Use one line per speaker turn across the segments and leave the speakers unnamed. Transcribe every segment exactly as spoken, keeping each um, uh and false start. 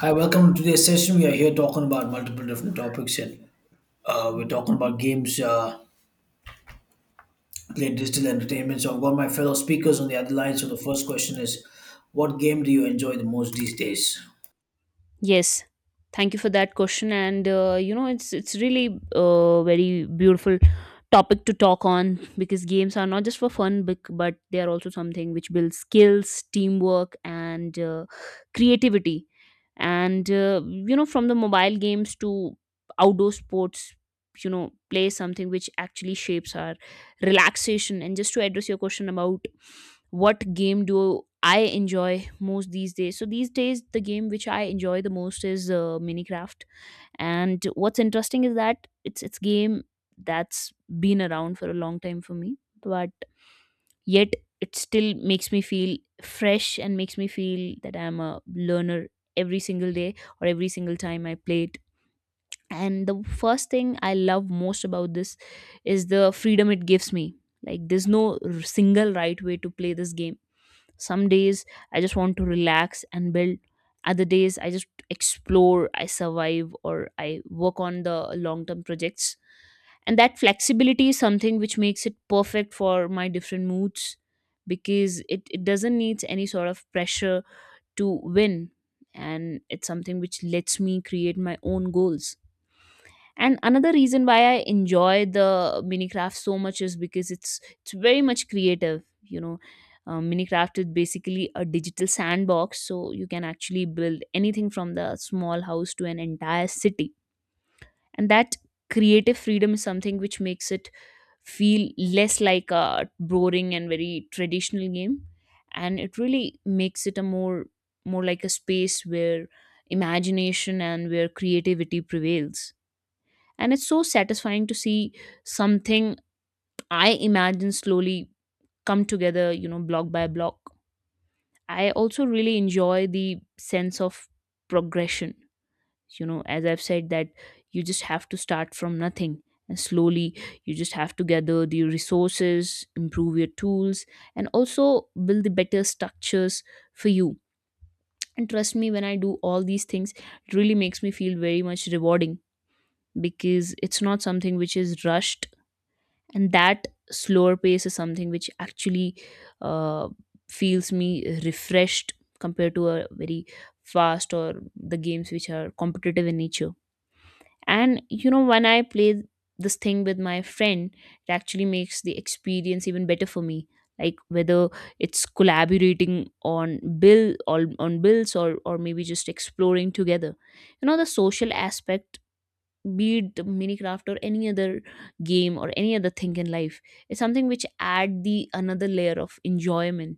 Hi, welcome to today's session. We are here talking about multiple different topics, and uh, we're talking about games, uh, played digital entertainment. So I've got my fellow speakers on the other line. So the first question is, what game do you enjoy the most these days?
Yes, thank you for that question. And uh, you know, it's it's really uh, very beautiful topic to talk on because games are not just for fun, but but they are also something which builds skills, teamwork, and uh, creativity. And uh, you know, from the mobile games to outdoor sports, you know, play is something which actually shapes our relaxation. And just to address your question about what game do I enjoy most these days? So these days, the game which I enjoy the most is uh, Minecraft. And what's interesting is that it's it's game that's been around for a long time for me, but yet it still makes me feel fresh and makes me feel that I'm a learner every single day or every single time I play it. And the first thing I love most about this is the freedom it gives me. Like there's no r- single right way to play this game some days I just want to relax and build. Other days I just explore, I survive, or I work on the long term projects. And that flexibility is something which makes it perfect for my different moods because it, it doesn't need any sort of pressure to win. And it's something which lets me create my own goals. And another reason why I enjoy the Minecraft so much is because it's it's very much creative. You know, uh, Minecraft is basically a digital sandbox, so you can actually build anything from the small house to an entire city. And that creative freedom is something which makes it feel less like a boring and very traditional game, and it really makes it a more more like a space where imagination and where creativity prevails, and it's so satisfying to see something I imagine slowly come together, you know, block by block. I also really enjoy the sense of progression. You know, as I've said that you just have to start from nothing, and slowly you just have to gather the resources, improve your tools, and also build the better structures for you. And trust me, when I do all these things, it really makes me feel very much rewarding because it's not something which is rushed. And that slower pace is something which actually uh, feels me refreshed compared to a very fast or the games which are competitive in nature. And you know, when I play this thing with my friend, it actually makes the experience even better for me, like whether it's collaborating on bill or on bills, or or maybe just exploring together. You know, the social aspect, be it Minecraft or any other game or any other thing in life, it's something which add the another layer of enjoyment.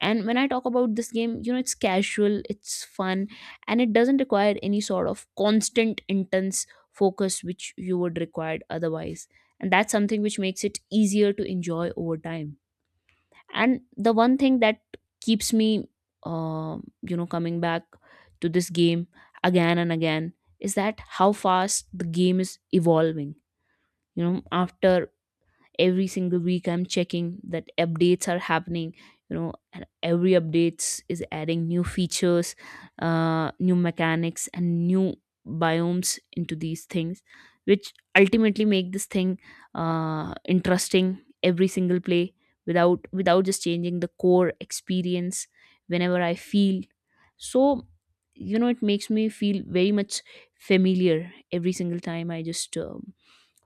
And when I talk about this game, you know, it's casual, it's fun, and it doesn't require any sort of constant intense focus which you would require otherwise. And that's something which makes it easier to enjoy over time. And the one thing that keeps me, um you know, coming back to this game again and again is that how fast the game is evolving. You know, after every single week I'm checking that updates are happening, you know, and every updates is adding new features, uh, new mechanics and new biomes into these things, which ultimately make this thing uh, interesting every single play without without just changing the core experience. Whenever I feel so, you know, it makes me feel very much familiar every single time I just um,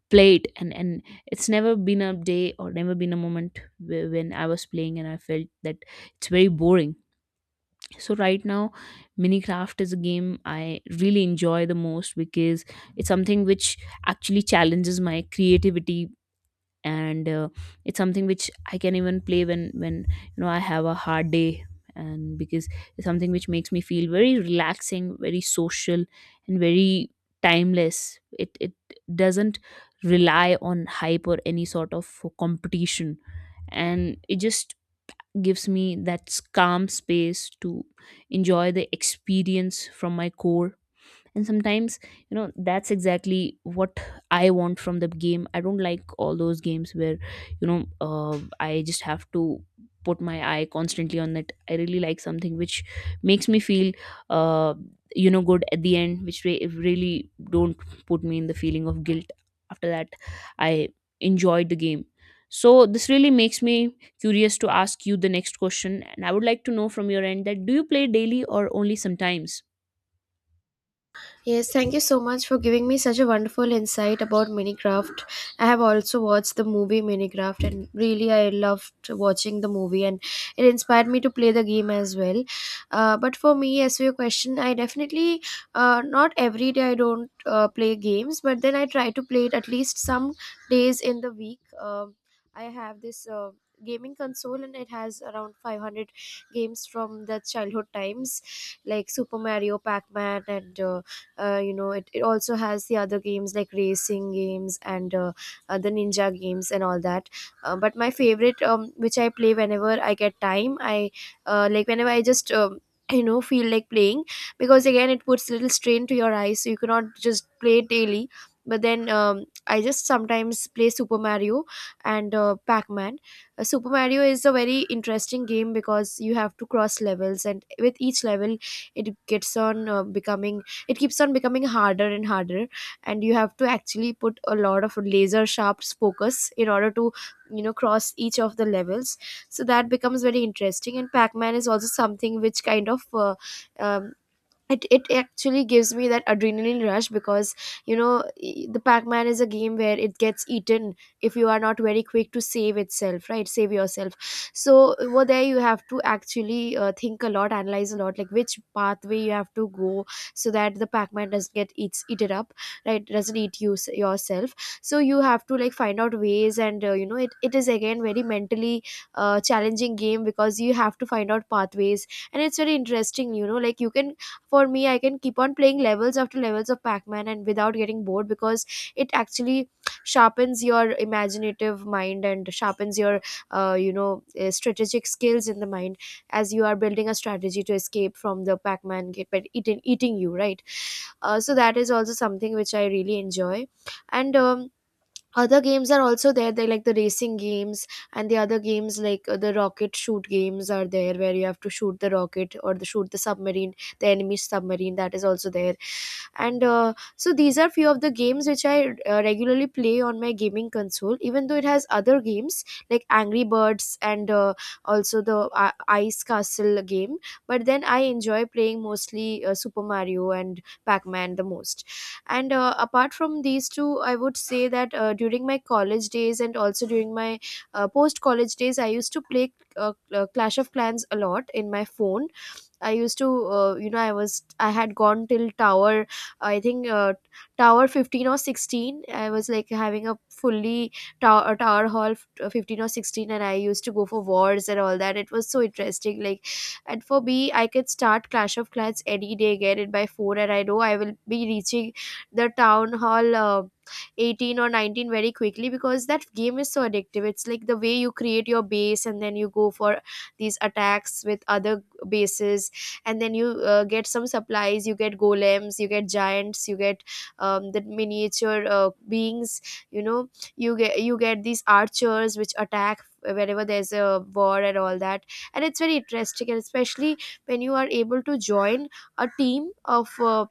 played. And and it's never been a day or never been a moment whe- when I was playing and I felt that it's very boring. So right now Minecraft is a game I really enjoy the most because it's something which actually challenges my creativity, and uh, it's something which I can even play when when you know, I have a hard day. And because it's something which makes me feel very relaxing, very social, and very timeless. It it doesn't rely on hype or any sort of competition, and it just gives me that calm space to enjoy the experience from my core. And sometimes, you know, that's exactly what I want from the game. I don't like all those games where, you know, uh, I just have to put my eye constantly on it. I really like something which makes me feel, uh, you know, good at the end, which re- really don't put me in the feeling of guilt after that I enjoyed the game. So this really makes me curious to ask you the next question, and I would like to know from your end that do you play daily or only sometimes?
Yes, thank you so much for giving me such a wonderful insight about Minecraft. I have also watched the movie Minecraft and really I loved watching the movie and it inspired me to play the game as well. Uh, but for me, as for your question, I definitely, uh, not every day I don't uh, play games, but then I try to play it at least some days in the week. Um I have this. Uh, gaming console and it has around five hundred games from the childhood times, like Super Mario, Pac-Man, and uh, uh, you know it, it also has the other games like racing games and uh, uh, the ninja games and all that. Uh, but my favorite, um, which I play whenever I get time, I uh, like whenever I just um, you know feel like playing, because again it puts little strain to your eyes, so you cannot just play daily. But then um, I just sometimes play Super Mario and uh, Pac-Man. Uh, super Mario is a very interesting game because you have to cross levels, and with each level it gets on uh, becoming it keeps on becoming harder and harder, and you have to actually put a lot of laser sharp focus in order to you know cross each of the levels. So that becomes very interesting. And Pac-Man is also something which kind of uh, um, it, it actually gives me that adrenaline rush, because you know i- the Pac-Man is a game where it gets eaten if you are not very quick to save itself, right, save yourself. So over there you have to actually uh, think a lot, analyze a lot, like which pathway you have to go so that the Pac-Man doesn't get eats eaten up, right, doesn't eat you s- yourself. So you have to like find out ways, and uh, you know it, it is again very mentally uh, challenging game, because you have to find out pathways. And it's very interesting, you know like you can, for me I can keep on playing levels after levels of Pac-Man and without getting bored, because it actually sharpens your imaginative mind and sharpens your uh, you know uh, strategic skills in the mind, as you are building a strategy to escape from the Pac-Man get but eating eating you, right. Uh, so that is also something which I really enjoy. And um, other games are also there, they like the racing games, and the other games like uh, the rocket shoot games are there, where you have to shoot the rocket or the shoot the submarine, the enemy submarine, that is also there. And uh, so these are few of the games which I uh, regularly play on my gaming console, even though it has other games like Angry Birds and uh, also the uh, ice castle game. But then I enjoy playing mostly uh, Super Mario and Pac-Man the most. And uh, apart from these two, I would say that uh, during my college days and also during my uh, post college days, I used to play uh, uh, Clash of Clans a lot in my phone. I used to, uh, you know, I was, I had gone till tower, I think, uh, tower fifteen or sixteen. I was like having a fully tower, tower hall uh, fifteen or sixteen, and I used to go for wars and all that. It was so interesting. Like, and for me, I could start Clash of Clans any day, get it by four, and I know I will be reaching the town hall. Uh, eighteen or nineteen very quickly, because that game is so addictive. It's like the way you create your base, and then you go for these attacks with other bases, and then you uh, get some supplies, you get golems, you get giants, you get um, the miniature uh, beings, you know you get you get these archers which attack whenever there's a war and all that. And it's very interesting, and especially when you are able to join a team of uh,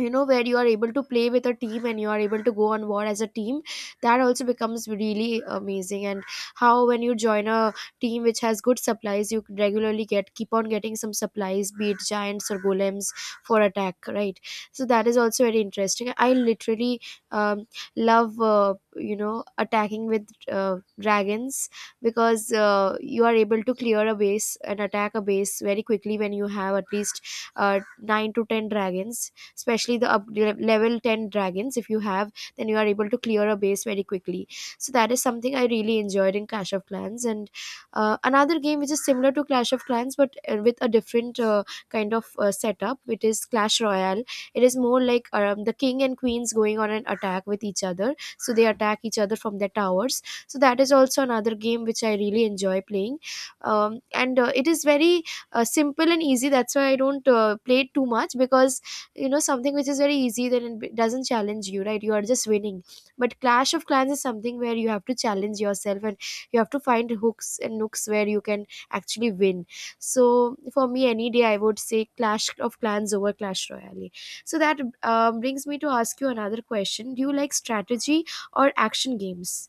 you know where you are able to play with a team and you are able to go on war as a team, that also becomes really amazing. And how when you join a team which has good supplies, you regularly get keep on getting some supplies, be it giants or golems, for attack, right. So that is also very interesting. I literally um, love uh, you know attacking with uh, dragons, because uh, you are able to clear a base and attack a base very quickly when you have at least uh, nine to ten dragons, especially the up le- level ten dragons, if you have, then you are able to clear a base very quickly. So that is something I really enjoyed in Clash of Clans. And uh, another game which is similar to Clash of Clans, but uh, with a different uh, kind of uh, setup, it is Clash Royale. It is more like um, the king and queens going on an attack with each other, so they attack each other from their towers. So that is also another game which I really enjoy playing. Um, and uh, It is very uh, simple and easy. That's why I don't uh, play it too much, because you know something which is very easy, then it b- doesn't challenge you, right, you are just winning. But Clash of Clans is something where you have to challenge yourself, and you have to find hooks and nooks where you can actually win. So for me, any day, I would say Clash of Clans over Clash Royale. So that um, brings me to ask you another question: do you like strategy or action games?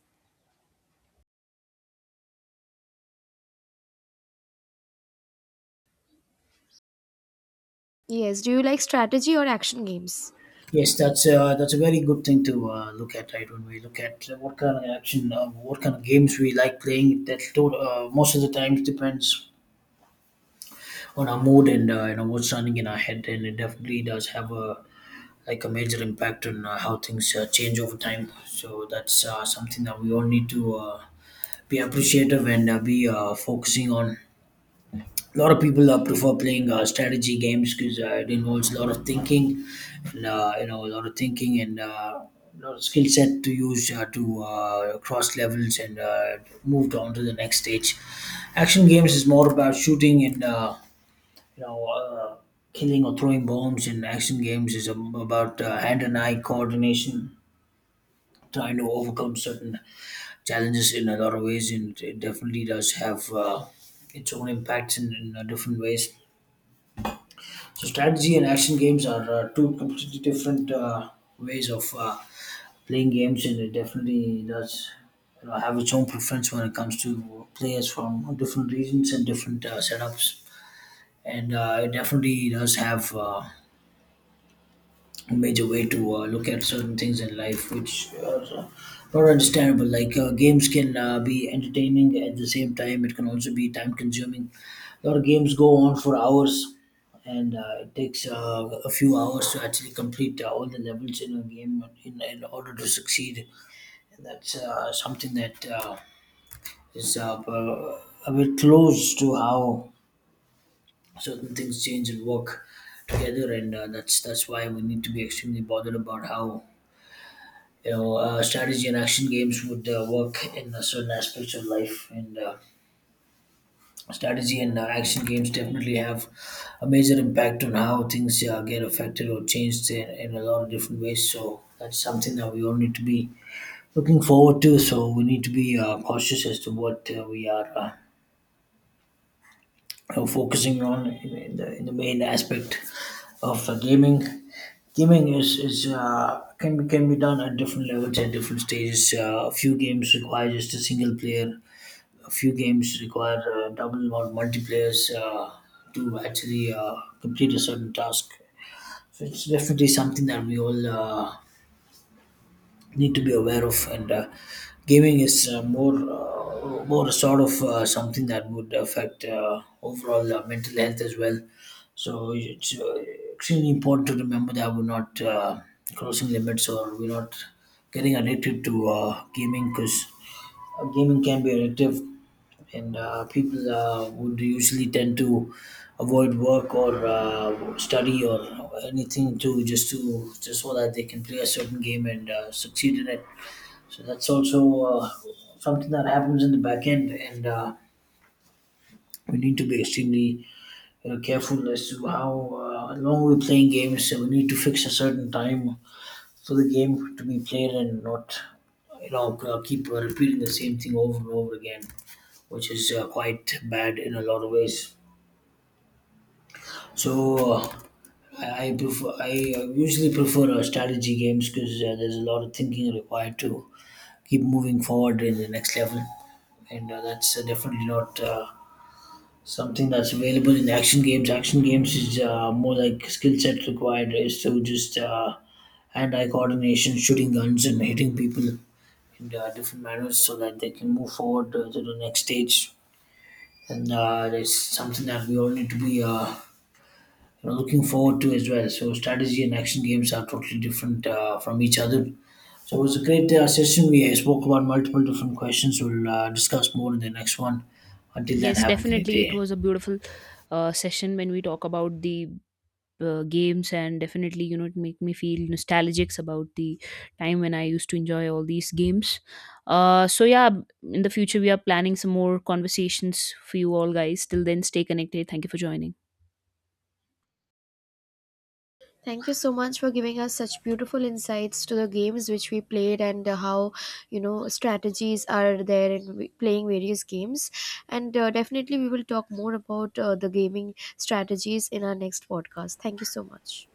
Yes, do you like strategy or action games?
Yes, that's uh, that's a very good thing to uh, look at, right? When we look at what kind of action, uh, what kind of games we like playing, that to- uh, most of the times depends on our mood and uh, you know what's running in our head, and it definitely does have a like a major impact on uh, how things uh, change over time. So that's uh, something that we all need to uh, be appreciative and uh, be uh, focusing on. A lot of people uh, prefer playing uh, strategy games because uh, it involves a lot of thinking, and uh, you know, a lot of thinking and uh, a lot of skill set to use uh, to uh, cross levels and uh, move on to the next stage. Action games is more about shooting and uh, you know, uh, killing or throwing bombs. In action games, is ab- about uh, hand and eye coordination, trying to overcome certain challenges in a lot of ways, and it definitely does have uh, its own impacts in, in uh, different ways. So strategy and action games are uh, two completely different uh, ways of uh, playing games, and it definitely does, you know, have its own preference when it comes to players from different regions and different uh, setups. And uh, it definitely does have uh, a major way to uh, look at certain things in life which are uh, not understandable. Like uh, games can uh, be entertaining. At the same time, it can also be time consuming. A lot of games go on for hours, and uh, it takes uh, a few hours to actually complete uh, all the levels in a game in, in order to succeed. And that's uh, something that uh, is uh, a bit close to how certain things change and work together. And uh, that's that's why we need to be extremely bothered about how, you know, uh, strategy and action games would uh, work in uh, certain aspects of life. And uh, strategy and uh, action games definitely have a major impact on how things uh, get affected or changed in, in a lot of different ways. So that's something that we all need to be looking forward to. So we need to be uh, cautious as to what uh, we are uh, uh, focusing on in, in the in the main aspect of uh, gaming. Gaming is is uh, can be can be done at different levels at different stages. Uh, a few games require just a single player. A few games require uh, double or multiplayers uh, to actually uh, complete a certain task. So it's definitely something that we all uh, need to be aware of. And uh, gaming is uh, more uh, more sort of uh, something that would affect uh, overall uh, mental health as well. So it's uh, extremely important to remember that we're not uh, crossing limits, or we're not getting addicted to uh, gaming, because uh, gaming can be addictive, and uh, people uh, would usually tend to avoid work or uh, study or anything to just to just so that they can play a certain game and uh, succeed in it. So that's also uh, something that happens in the back end. And uh, we need to be extremely, you know, careful as to how uh, long we're playing games. So we need to fix a certain time for the game to be played, and not, you know, keep repeating the same thing over and over again, which is uh, quite bad in a lot of ways. So uh, I, I prefer I uh, usually prefer uh, strategy games, because uh, there's a lot of thinking required to keep moving forward in the next level. And uh, that's uh, definitely not uh, something that's available in action games. Action games is uh, more like, skill set required is to just uh, hand-eye coordination, shooting guns, and hitting people in uh, different manners so that they can move forward uh, to the next stage. And uh, it's something that we all need to be, uh, you know, looking forward to as well. So strategy and action games are totally different uh, from each other. So it was a great uh, session. We uh, spoke about multiple different questions. We'll uh, discuss more in the next one. Until then,
Yes,
have a great
definitely. It
day.
was a beautiful uh, session when we talk about the uh, games, and definitely, you know, it make me feel nostalgic about the time when I used to enjoy all these games. Uh, so yeah, in the future, we are planning some more conversations for you all guys. Till then, stay connected. Thank you for joining.
Thank you so much for giving us such beautiful insights to the games which we played and uh, how you know strategies are there in w- playing various games. And uh, definitely, we will talk more about uh, the gaming strategies in our next podcast. Thank you so much.